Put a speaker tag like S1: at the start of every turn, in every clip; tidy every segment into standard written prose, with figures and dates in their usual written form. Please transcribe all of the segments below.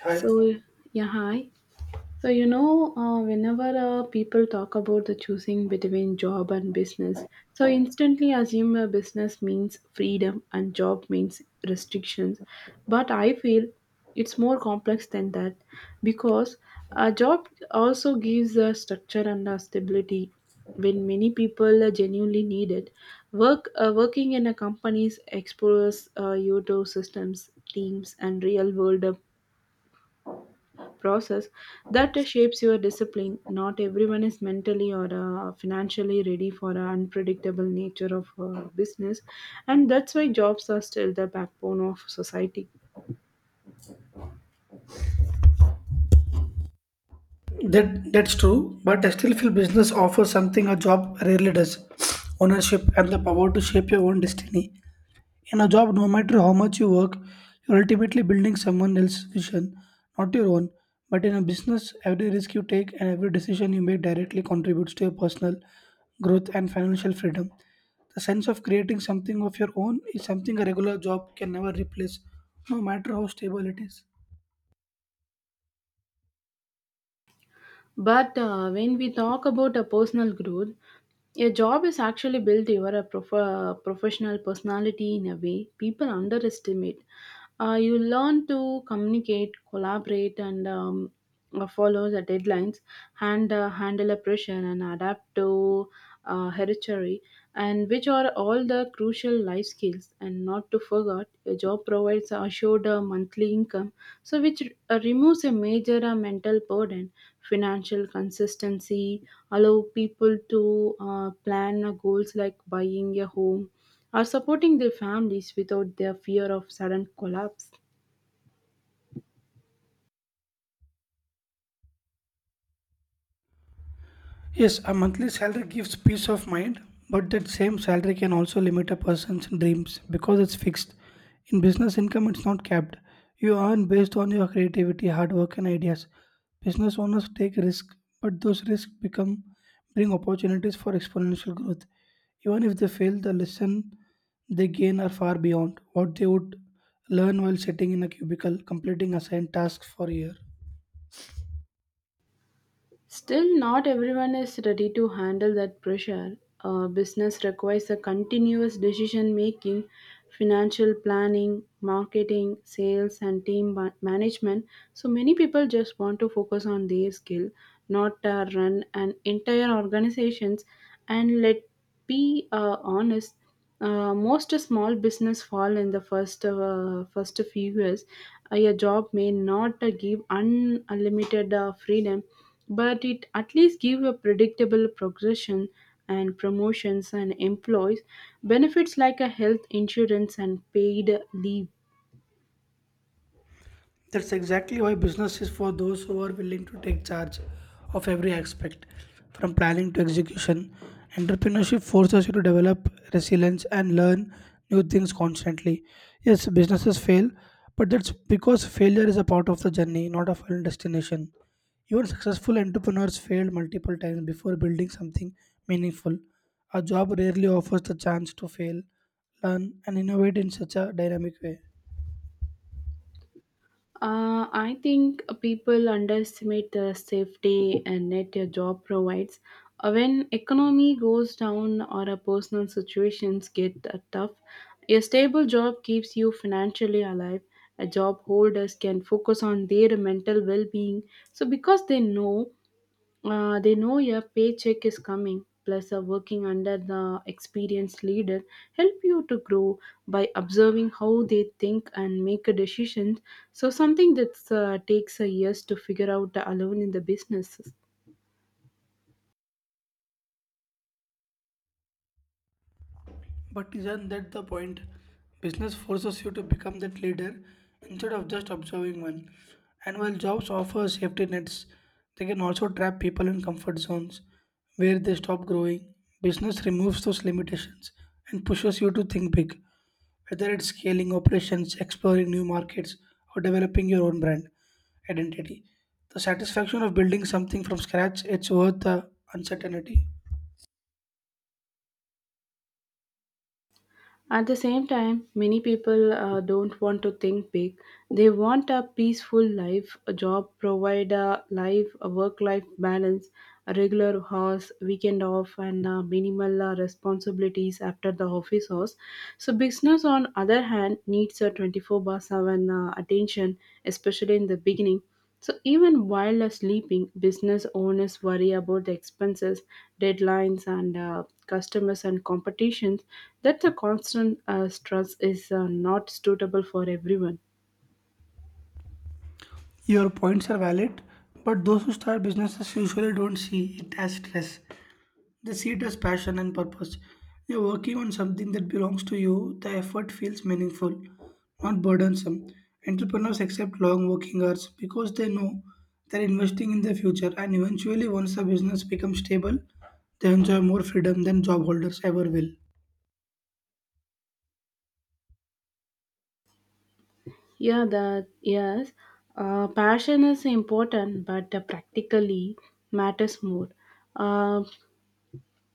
S1: Hi.
S2: So, yeah, hi. So, whenever people talk about the choosing between job and business, so instantly assume a business means freedom and job means restrictions. But I feel it's more complex than that because a job also gives a structure and a stability when many people genuinely need it. Working in a company exposes you to systems, teams, and real world process that shapes your discipline. Not everyone is mentally or financially ready for the unpredictable nature of business, and that's why jobs are still the backbone of society.
S1: That's true, but I still feel business offers something a job rarely does: ownership and the power to shape your own destiny. In a job, no matter how much you work, you're ultimately building someone else's vision, not your own. But in a business, every risk you take and every decision you make directly contributes to your personal growth and financial freedom. The sense of creating something of your own is something a regular job can never replace, no matter how stable it is.
S2: But when we talk about a personal growth, a job is actually built your professional personality in a way people underestimate. You learn to communicate, collaborate, and follow the deadlines, and handle a pressure, and adapt to hereditary, and which are all the crucial life skills. And not to forget, a job provides assured monthly income so which removes a major mental burden financial consistency allow people to plan goals like buying a home or supporting their families without their fear of sudden collapse.
S1: Yes, a monthly salary gives peace of mind, but that same salary can also limit a person's dreams because it's fixed. In business income, it's not capped. You earn based on your creativity, hard work, and ideas. Business owners take risks, but those risks become bring opportunities for exponential growth. Even if they fail, the lesson they gain are far beyond what they would learn while sitting in a cubicle completing assigned tasks for a year.
S2: Still, not everyone is ready to handle that pressure. Business requires a continuous decision making, financial planning, marketing, sales, and management. So, many people just want to focus on their skill, not run an entire organizations. And let be honest, most small business fall in the first few years. Your job may not give unlimited freedom, but it at least give a predictable progression and promotions and employees benefits like a health insurance and paid leave.
S1: That's exactly why business is for those who are willing to take charge of every aspect, from planning to execution. Entrepreneurship forces you to develop resilience and learn new things constantly. Yes, businesses fail, but that's because failure is a part of the journey, not a final destination. Even successful entrepreneurs failed multiple times before building something meaningful. A job rarely offers the chance to fail, learn, and innovate in such a dynamic way.
S2: I think people underestimate the safety and net your job provides. When economy goes down or a personal situations get tough, a stable job keeps you financially alive. A job holders can focus on their mental well-being, so because they know your paycheck is coming, plus, working under the experienced leader help you to grow by observing how they think and make a decision. So, something that takes a years to figure out alone in the business.
S1: But isn't that the point? Business forces you to become that leader instead of just observing one. And while jobs offer safety nets, they can also trap people in comfort zones where they stop growing. Business removes those limitations and pushes you to think big, whether it's scaling operations, exploring new markets, or developing your own brand identity. The satisfaction of building something from scratch, it's worth the uncertainty.
S2: At the same time, many people don't want to think big. They want a peaceful life, a job, provide a life, a work-life balance, a regular hours, weekend off, and minimal responsibilities after the office hours. So, business on other hand needs a 24 by 7 attention, especially in the beginning. So, even while sleeping, business owners worry about the expenses, deadlines, and customers and competitions. That the constant stress is not suitable for everyone.
S1: Your points are valid, but those who start businesses usually don't see it as stress. They see it as passion and purpose. You're working on something that belongs to you, the effort feels meaningful, not burdensome. Entrepreneurs accept long working hours because they know they're investing in their future, and eventually, once the business becomes stable, they enjoy more freedom than job holders ever will.
S2: Yeah, that yes, passion is important, but practically matters more. Uh,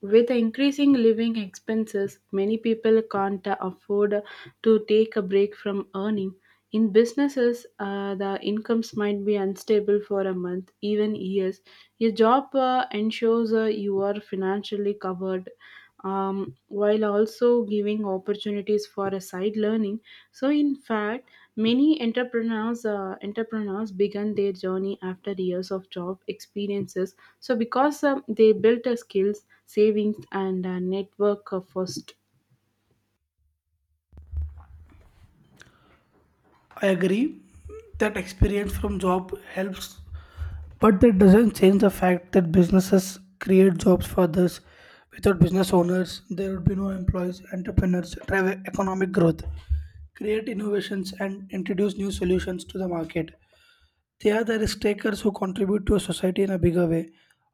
S2: With the increasing living expenses, many people can't afford to take a break from earning. In businesses, the incomes might be unstable for a month, even years. Your job ensures you are financially covered, while also giving opportunities for a side learning. So, in fact, many entrepreneurs began their journey after years of job experiences. So, because they built a skills, savings, and network first.
S1: I agree that experience from job helps. But that doesn't change the fact that businesses create jobs for others. Without business owners, there would be no employees, entrepreneurs, drive economic growth, create innovations, and introduce new solutions to the market. They are the risk takers who contribute to a society in a bigger way.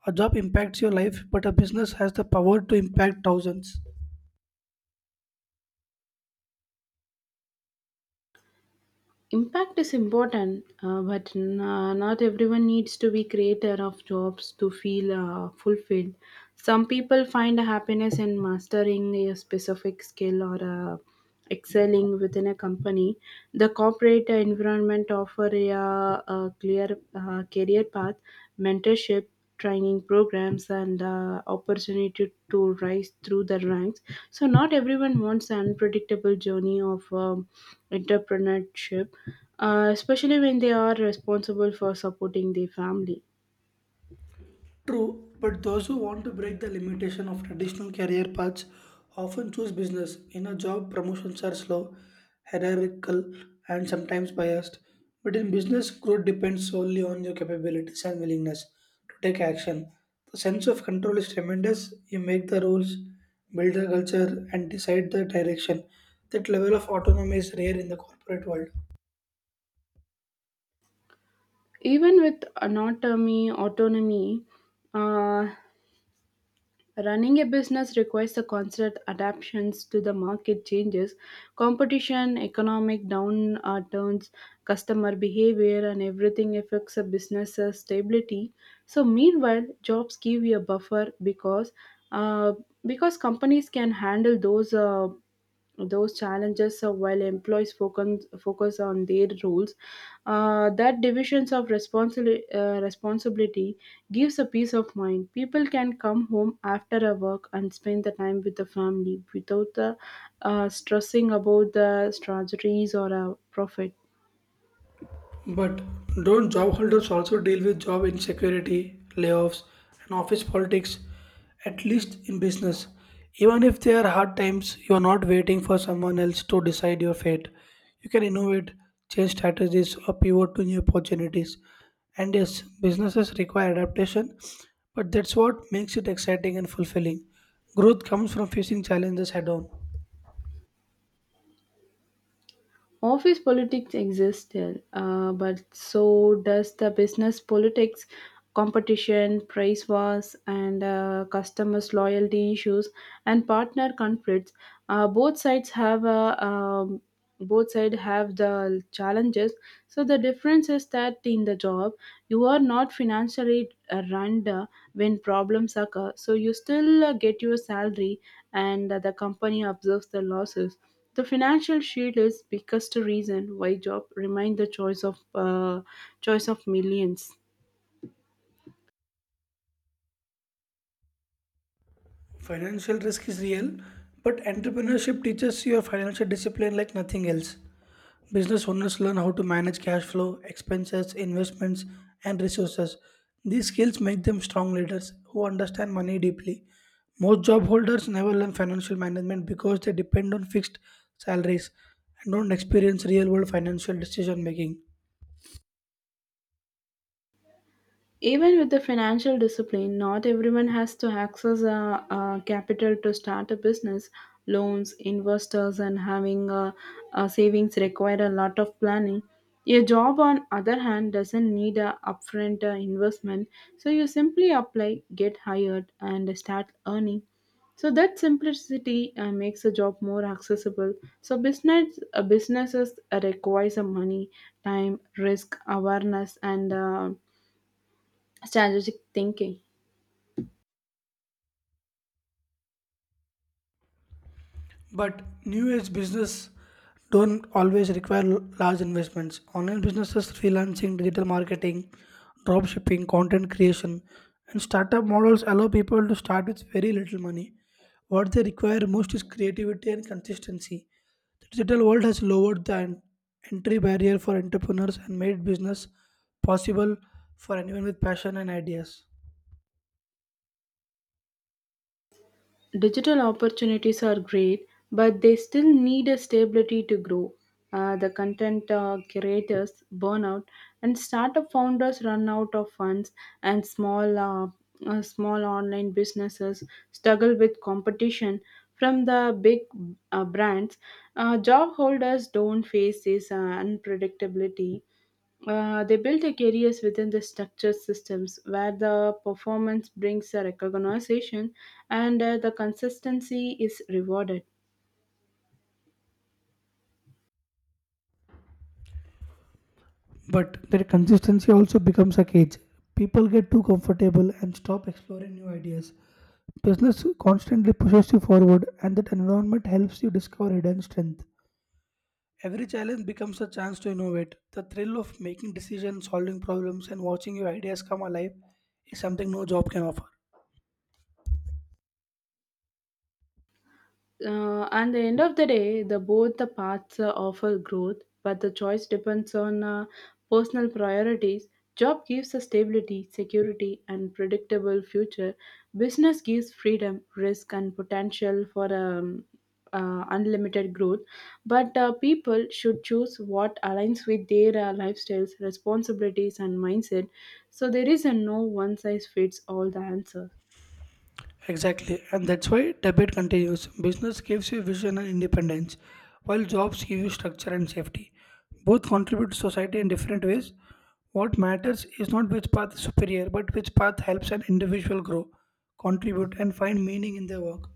S1: A job impacts your life, but a business has the power to impact thousands.
S2: Impact is important, but not everyone needs to be creator of jobs to feel fulfilled. Some people find happiness in mastering a specific skill or uh, excelling within a company. The corporate environment offer a clear career path, mentorship, training programs and opportunity to rise through the ranks so not everyone wants an unpredictable journey of entrepreneurship especially when they are responsible for supporting their family.
S1: True, but those who want to break the limitation of traditional career paths often choose business. In a job, promotions are slow, hierarchical, and sometimes biased. But in business, growth depends solely on your capabilities and willingness to take action. The sense of control is tremendous. You make the rules, build the culture, and decide the direction. That level of autonomy is rare in the corporate world.
S2: Even with autonomy, uh, running a business requires the constant adaptations to the market changes, competition, economic downturns, customer behavior, and everything affects a business's stability. So, meanwhile, jobs give you a buffer uh, because companies can handle those challenges while employees focus on their roles that divisions of responsibility gives a peace of mind people can come home after a work and spend the time with the family without stressing about the strategies or a profit.
S1: But don't job holders also deal with job insecurity, layoffs, and office politics, at least in business? Even if there are hard times, you are not waiting for someone else to decide your fate. You can innovate, change strategies, or pivot to new opportunities. And yes, businesses require adaptation, but that's what makes it exciting and fulfilling. Growth comes from facing challenges head on.
S2: Office politics exists still, but so does the business politics, competition, price wars, and customers' loyalty issues and partner conflicts. Uh, both sides have a um, both sides have the challenges. So the difference is that in the job, you are not financially run when problems occur. So you still get your salary, and the company absorbs the losses. The financial shield is biggest reason why job remain the choice of millions.
S1: Financial risk is real, but entrepreneurship teaches you financial discipline like nothing else. Business owners learn how to manage cash flow, expenses, investments, and resources. These skills make them strong leaders who understand money deeply. Most job holders never learn financial management because they depend on fixed salaries and don't experience real world financial decision making.
S2: Even with the financial discipline, not everyone has to access capital to start a business. Loans, investors, and having savings require a lot of planning. A job, on other hand, doesn't need a upfront investment, so you simply apply, get hired, and start earning. So that simplicity makes a job more accessible. So businesses requires money, time, risk, awareness, and strategic thinking.
S1: But new age business don't always require large investments. Online businesses, freelancing, digital marketing, drop shipping, content creation, and startup models allow people to start with very little money. What they require most is creativity and consistency. The digital world has lowered the entry barrier for entrepreneurs and made business possible for anyone with passion and ideas.
S2: Digital opportunities are great, but they still need a stability to grow. The content curators burn out, and startup founders run out of funds, and small online businesses struggle with competition from the big brands. Job holders don't face this unpredictability. They build a careers within the structured systems where the performance brings a recognition and the consistency is rewarded.
S1: But their consistency also becomes a cage. People get too comfortable and stop exploring new ideas. Business constantly pushes you forward, and that environment helps you discover hidden strength. Every challenge becomes a chance to innovate. The thrill of making decisions, solving problems, and watching your ideas come alive is something no job can offer.
S2: And the end of the day, the both the paths offer growth, but the choice depends on personal priorities. Job gives a stability, security, and predictable future. Business gives freedom, risk, and potential for unlimited growth. But people should choose what aligns with their lifestyles, responsibilities, and mindset. So there is a no one size fits all the answer.
S1: Exactly, and that's why debit continues. Business gives you vision and independence, while jobs give you structure and safety. Both contribute to society in different ways. What matters is not which path is superior, but which path helps an individual grow, contribute, and find meaning in their work.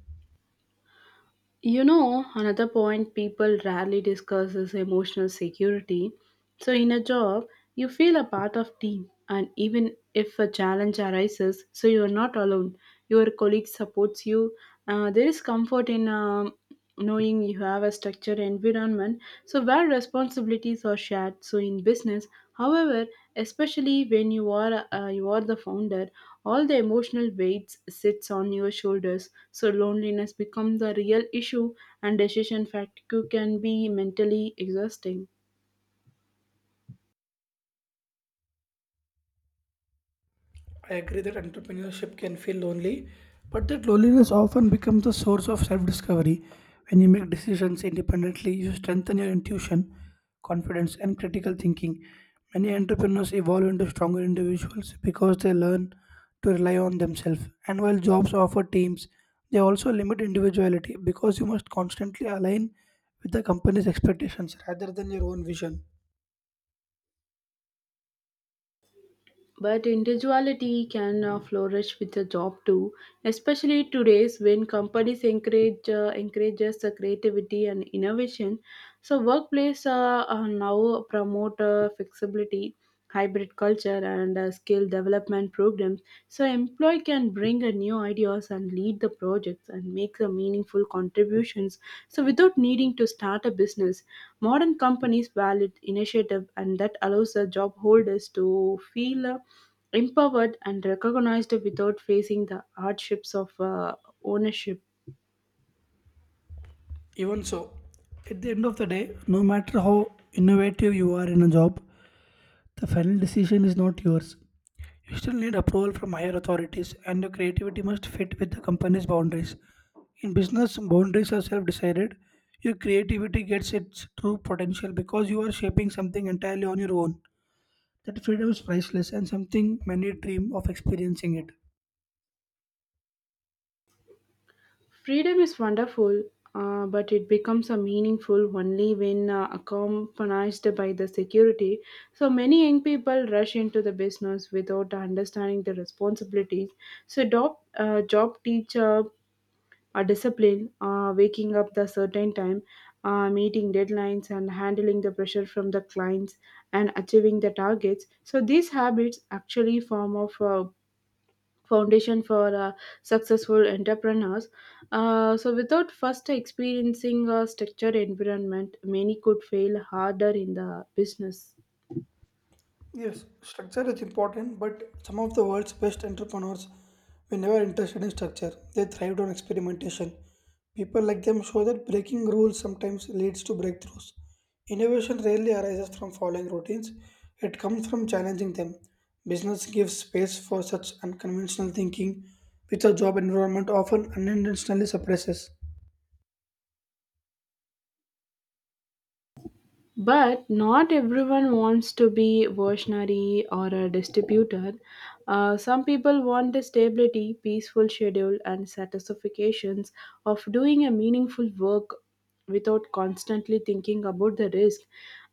S2: You know, another point people rarely discuss is emotional security. So in a job, you feel a part of team and even if a challenge arises, so you are not alone. Your colleague supports you. There is comfort in knowing you have a structured environment so where responsibilities are shared so in business however especially when you are the founder all the emotional weights sits on your shoulders so loneliness becomes a real issue and decision fatigue can be mentally exhausting.
S1: I agree that entrepreneurship can feel lonely, but that loneliness often becomes a source of self discovery. When you make decisions independently, you strengthen your intuition, confidence, and critical thinking. Many entrepreneurs evolve into stronger individuals because they learn to rely on themselves. And while jobs offer teams, they also limit individuality because you must constantly align with the company's expectations rather than your own vision.
S2: But individuality can flourish with a job too, especially today's when companies encourage encourages creativity and innovation. So workplace now promote flexibility, hybrid culture, and skill development programs. So employee can bring a new ideas and lead the projects and make the meaningful contributions so without needing to start a business modern companies valid initiative and that allows the job holders to feel empowered and recognized without facing the hardships of ownership.
S1: Even so, at the end of the day, no matter how innovative you are in a job, the final decision is not yours. You still need approval from higher authorities, and your creativity must fit with the company's boundaries. In business, boundaries are self decided. Your creativity gets its true potential because you are shaping something entirely on your own. That freedom is priceless and something many dream of experiencing it.
S2: Freedom is wonderful, but it becomes a meaningful only when accompanied by the security. So many young people rush into the business without understanding the responsibilities. So job teacher, discipline, waking up the certain time, meeting deadlines, and handling the pressure from the clients and achieving the targets. So these habits actually form of foundation for successful entrepreneurs. So, without first experiencing a structured environment, many could fail harder in the business.
S1: Yes, structure is important, but some of the world's best entrepreneurs were never interested in structure. They thrived on experimentation. People like them show that breaking rules sometimes leads to breakthroughs. Innovation rarely arises from following routines, it comes from challenging them. Business gives space for such unconventional thinking, which a job environment often unintentionally suppresses.
S2: But not everyone wants to be versionary or a distributor. Some people want the stability, peaceful schedule, and satisfactions of doing a meaningful work without constantly thinking about the risk.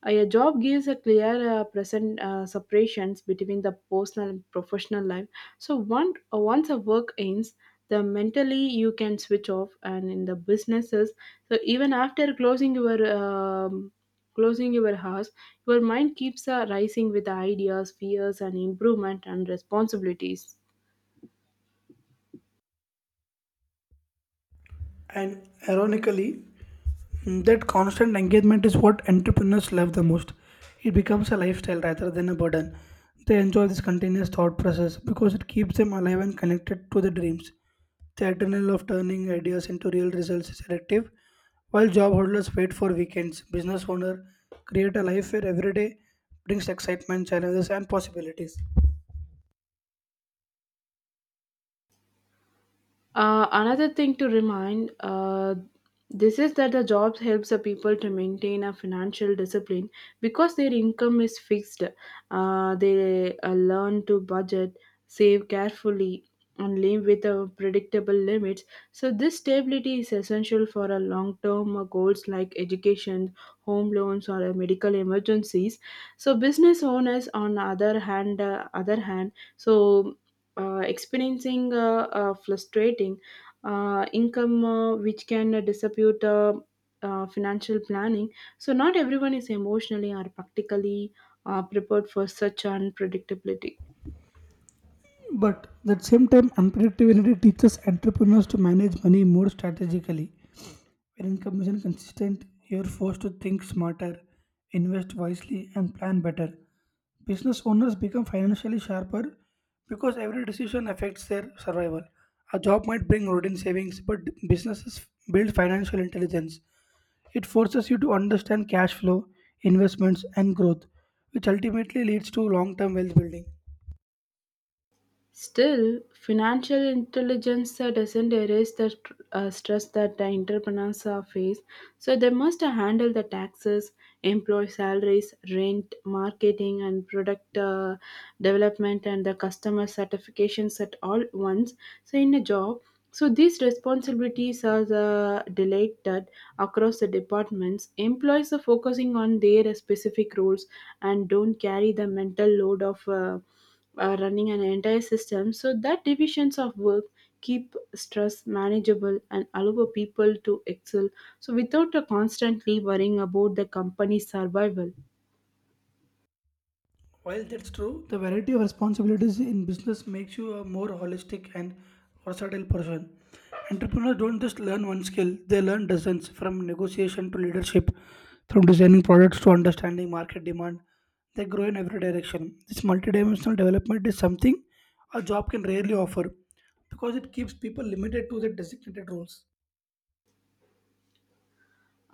S2: A job gives a clear present separations between the personal and professional life. So once a work ends, the mentally you can switch off, and in the businesses, so even after closing your house, your mind keeps rising with the ideas, fears, and improvement and responsibilities.
S1: And ironically, that constant engagement is what entrepreneurs love the most. It becomes a lifestyle rather than a burden. They enjoy this continuous thought process because it keeps them alive and connected to their dreams. The adrenaline of turning ideas into real results is addictive, while job holders wait for weekends. Business owners create a life where every day brings excitement, challenges, and possibilities.
S2: Another thing to remind this is that the jobs helps the people to maintain a financial discipline because their income is fixed. They learn to budget, save carefully, and live with predictable limits. So this stability is essential for a long-term goals like education, home loans, or medical emergencies. So business owners, on the other hand, so experiencing frustrating income which can dispute financial planning. So, not everyone is emotionally or practically prepared for such unpredictability.
S1: But at the same time, unpredictability teaches entrepreneurs to manage money more strategically. When income isn't consistent, you're forced to think smarter, invest wisely, and plan better. Business owners become financially sharper because every decision affects their survival. A job might bring routine savings, but businesses build financial intelligence. It forces you to understand cash flow, investments, and growth, which ultimately leads to long term wealth building.
S2: Still, financial intelligence doesn't erase the stress that the entrepreneurs face. So they must handle the taxes, employee salaries, rent, marketing, and product development, and the customer certifications at all once. So in a job, so these responsibilities are the delegated across the departments. Employees are focusing on their specific roles and don't carry the mental load of. Running an entire system so that divisions of work keep stress manageable and allow people to excel so without constantly worrying about the company's survival.
S1: While that's true, the variety of responsibilities in business makes you a more holistic and versatile person. Entrepreneurs don't just learn one skill, they learn dozens from negotiation to leadership, from designing products to understanding market demand. They grow in every direction. This multidimensional development is something a job can rarely offer because it keeps people limited to their designated roles.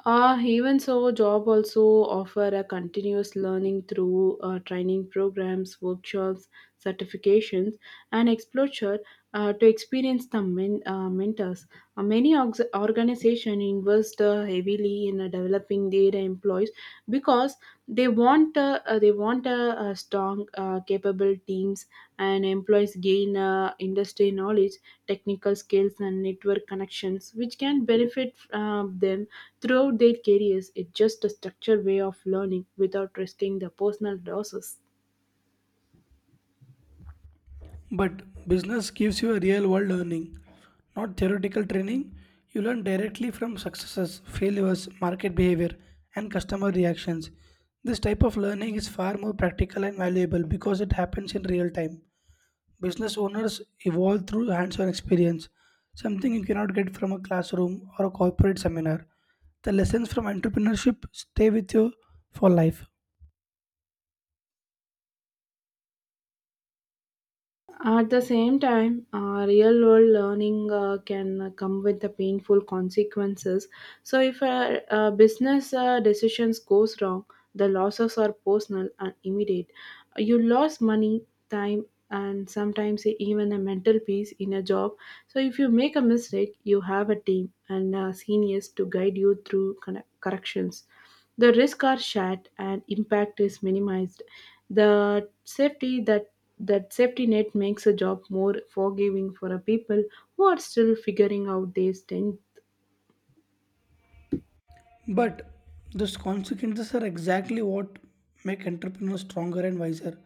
S2: Even so, job also offer a continuous learning through training programs, workshops, certifications, and exposure to experience the mentors. Many organizations invest heavily in developing their employees because they want a strong capable teams, and employees gain industry knowledge, technical skills, and network connections which can benefit them throughout their careers. It's just a structured way of learning without risking the personal losses.
S1: But business gives you a real world learning, not theoretical training. You learn directly from successes, failures, market behavior, and customer reactions. This type of learning is far more practical and valuable because it happens in real time. Business owners evolve through hands on experience, something you cannot get from a classroom or a corporate seminar. The lessons from entrepreneurship stay with you for life.
S2: At the same time, real world learning can come with the painful consequences. So, if a business decisions goes wrong, the losses are personal and immediate. You lost money, time, and sometimes even a mental peace in a job. So, if you make a mistake, you have a team and seniors to guide you through corrections. The risks are shared and impact is minimized. The safety that that safety net makes a job more forgiving for a people who are still figuring out these things.
S1: But those consequences are exactly what make entrepreneurs stronger and wiser.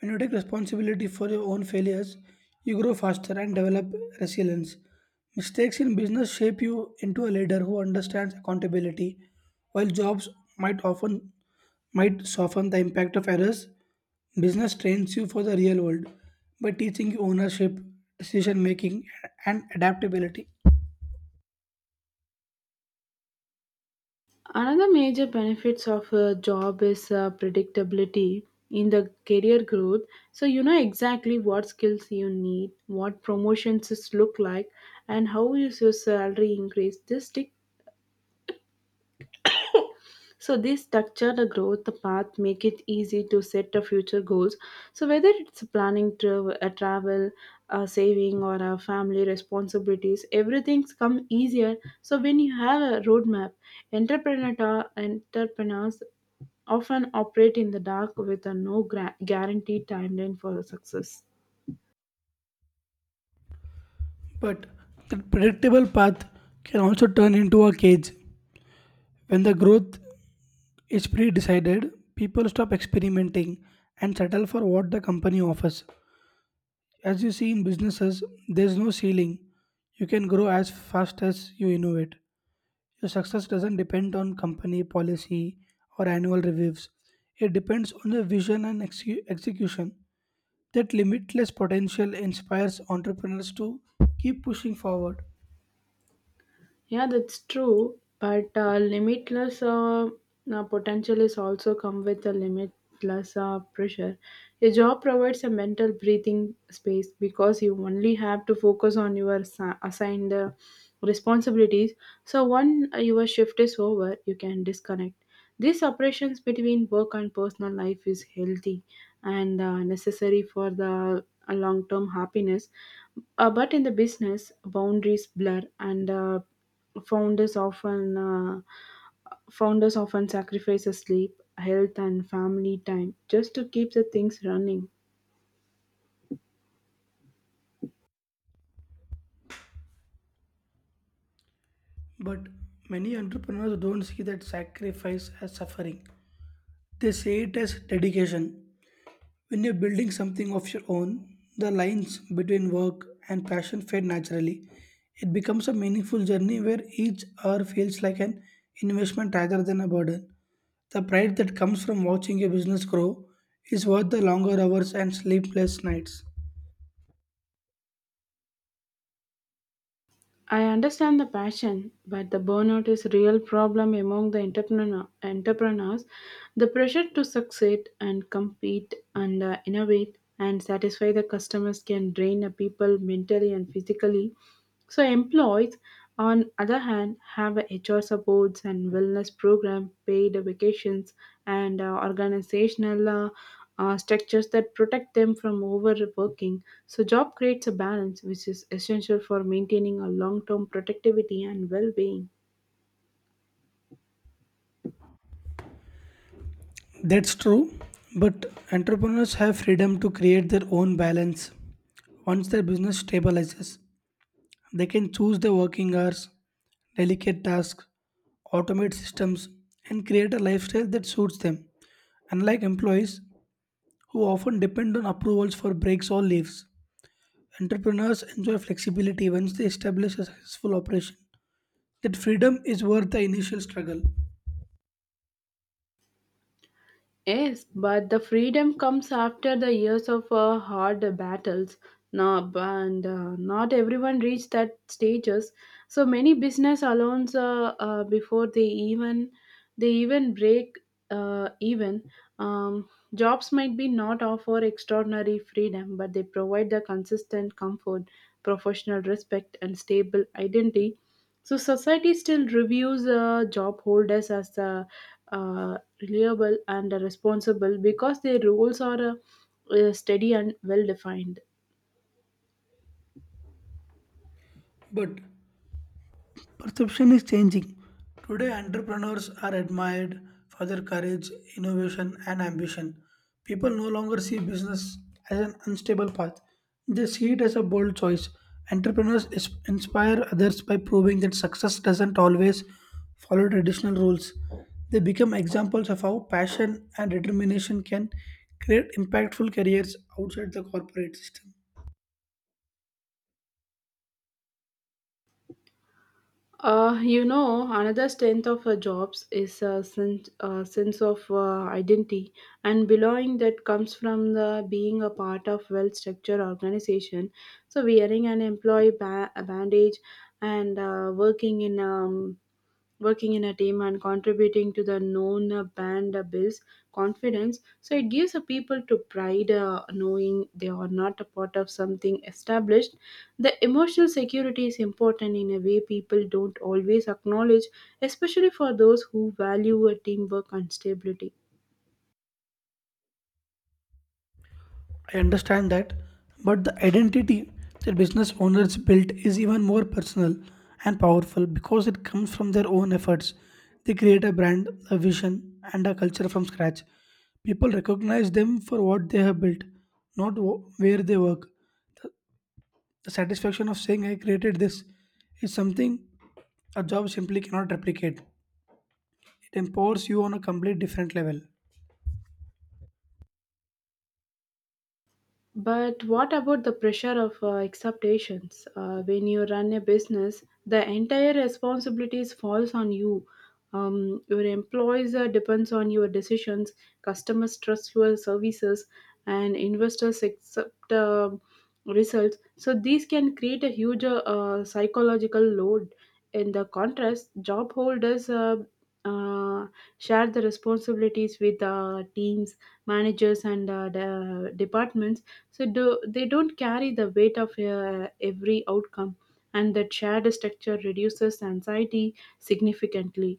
S1: When you take responsibility for your own failures, you grow faster and develop resilience. Mistakes in business shape you into a leader who understands accountability, while jobs might often might soften the impact of errors. Business trains you for the real world by teaching you ownership, decision making, and adaptability.
S2: Another major benefits of a job is predictability in the career growth. So you know exactly what skills you need, what promotions is look like, and how is your salary increase. This So this structure, the growth, the path make it easy to set the future goals. So whether it's planning to a travel, a saving, or a family responsibilities, everything's come easier. So when you have a roadmap, entrepreneurs often operate in the dark with a no gra- guaranteed timeline for success.
S1: But the predictable path can also turn into a cage. When the growth is pre decided, people stop experimenting and settle for what the company offers. As you see in businesses, there's no ceiling. You can grow as fast as you innovate. Your success doesn't depend on company policy or annual reviews. It depends on your vision and execution. That limitless potential inspires entrepreneurs to keep pushing forward.
S2: Yeah, that's true. But limitless potential is also come with a limitless pressure. A job provides a mental breathing space because you only have to focus on your assigned responsibilities. So when your shift is over, you can disconnect. These separations between work and personal life is healthy and necessary for the long-term happiness. But in the business, boundaries blur and Founders often uh, founders often sacrifice sleep, health, and family time just to keep the things running.
S1: But many entrepreneurs don't see that sacrifice as suffering. They see it as dedication. When you're building something of your own, the lines between work and passion fade naturally. It becomes a meaningful journey where each hour feels like an investment rather than a burden. The pride that comes from watching your business grow is worth the longer hours and sleepless nights.
S2: I understand the passion, but the burnout is real problem among the entrepreneurs. The pressure to succeed and compete and innovate and satisfy the customers can drain the people mentally and physically. So employees on other hand, have a HR supports and wellness program, paid vacations, and organizational structures that protect them from overworking. So, job creates a balance which is essential for maintaining a long-term productivity and well-being.
S1: That's true, but entrepreneurs have freedom to create their own balance. Once their business stabilizes, they can choose their working hours, delegate tasks, automate systems, and create a lifestyle that suits them. Unlike employees who often depend on approvals for breaks or leaves, entrepreneurs enjoy flexibility once they establish a successful operation. That freedom is worth the initial struggle.
S2: Yes, but the freedom comes after the years of hard battles. Now, and not everyone reached that stages. So many business allows before they even break even. Um, Jobs might be not offer extraordinary freedom, but they provide the consistent comfort, professional respect, and stable identity. So society still reviews job holders as the reliable and responsible because their roles are steady and well defined.
S1: But perception is changing. Today, entrepreneurs are admired for their courage, innovation, and ambition. People no longer see business as an unstable path, they see it as a bold choice. Entrepreneurs inspire others by proving that success doesn't always follow traditional rules. They become examples of how passion and determination can create impactful careers outside the corporate system.
S2: You know, another strength of jobs is a sense of identity and belonging that comes from the being a part of well-structured organization. So wearing an a bandage and working in working in a team and contributing to the known band builds confidence. So it gives a people to pride knowing they are not a part of something established. The emotional security is important in a way people don't always acknowledge, especially for those who value a teamwork and stability.
S1: I understand that, but the identity that business owners built is even more personal and powerful because it comes from their own efforts. They create a brand, a vision, and a culture from scratch. People recognize them for what they have built, not where they work. The satisfaction of saying, I created this, is something a job simply cannot replicate. It empowers you on a complete different level.
S2: But what about the pressure of expectations? When you run a business, the entire responsibilities falls on you. Your employees depends on your decisions, customers trust your services, and investors accept results. So these can create a huge psychological load. In the contrast, job holders uh, share the responsibilities with teams, managers, and the departments. So they don't carry the weight of every outcome, and that shared structure reduces anxiety significantly.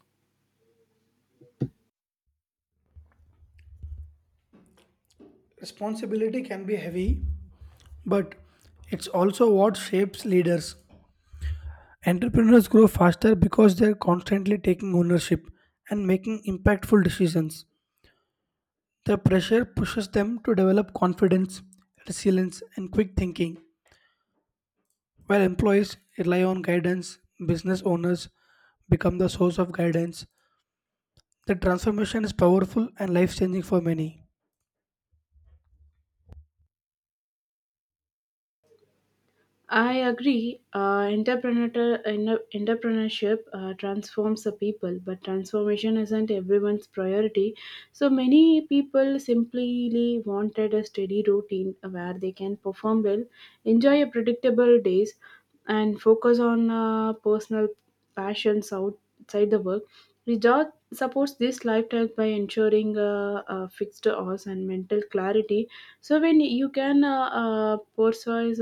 S1: Responsibility can be heavy, but it's also what shapes leaders. Entrepreneurs grow faster because they're constantly taking ownership and making impactful decisions. The pressure pushes them to develop confidence, resilience, and quick thinking, while employees rely on guidance, business owners become the source of guidance. The transformation is powerful and life changing for many.
S2: I agree. Entrepreneurship transforms the people, but transformation isn't everyone's priority. So many people simply wanted a steady routine where they can perform well, enjoy a predictable days, and focus on personal passions outside the work. The job supports this lifestyle by ensuring fixed hours and mental clarity. So when you can pursue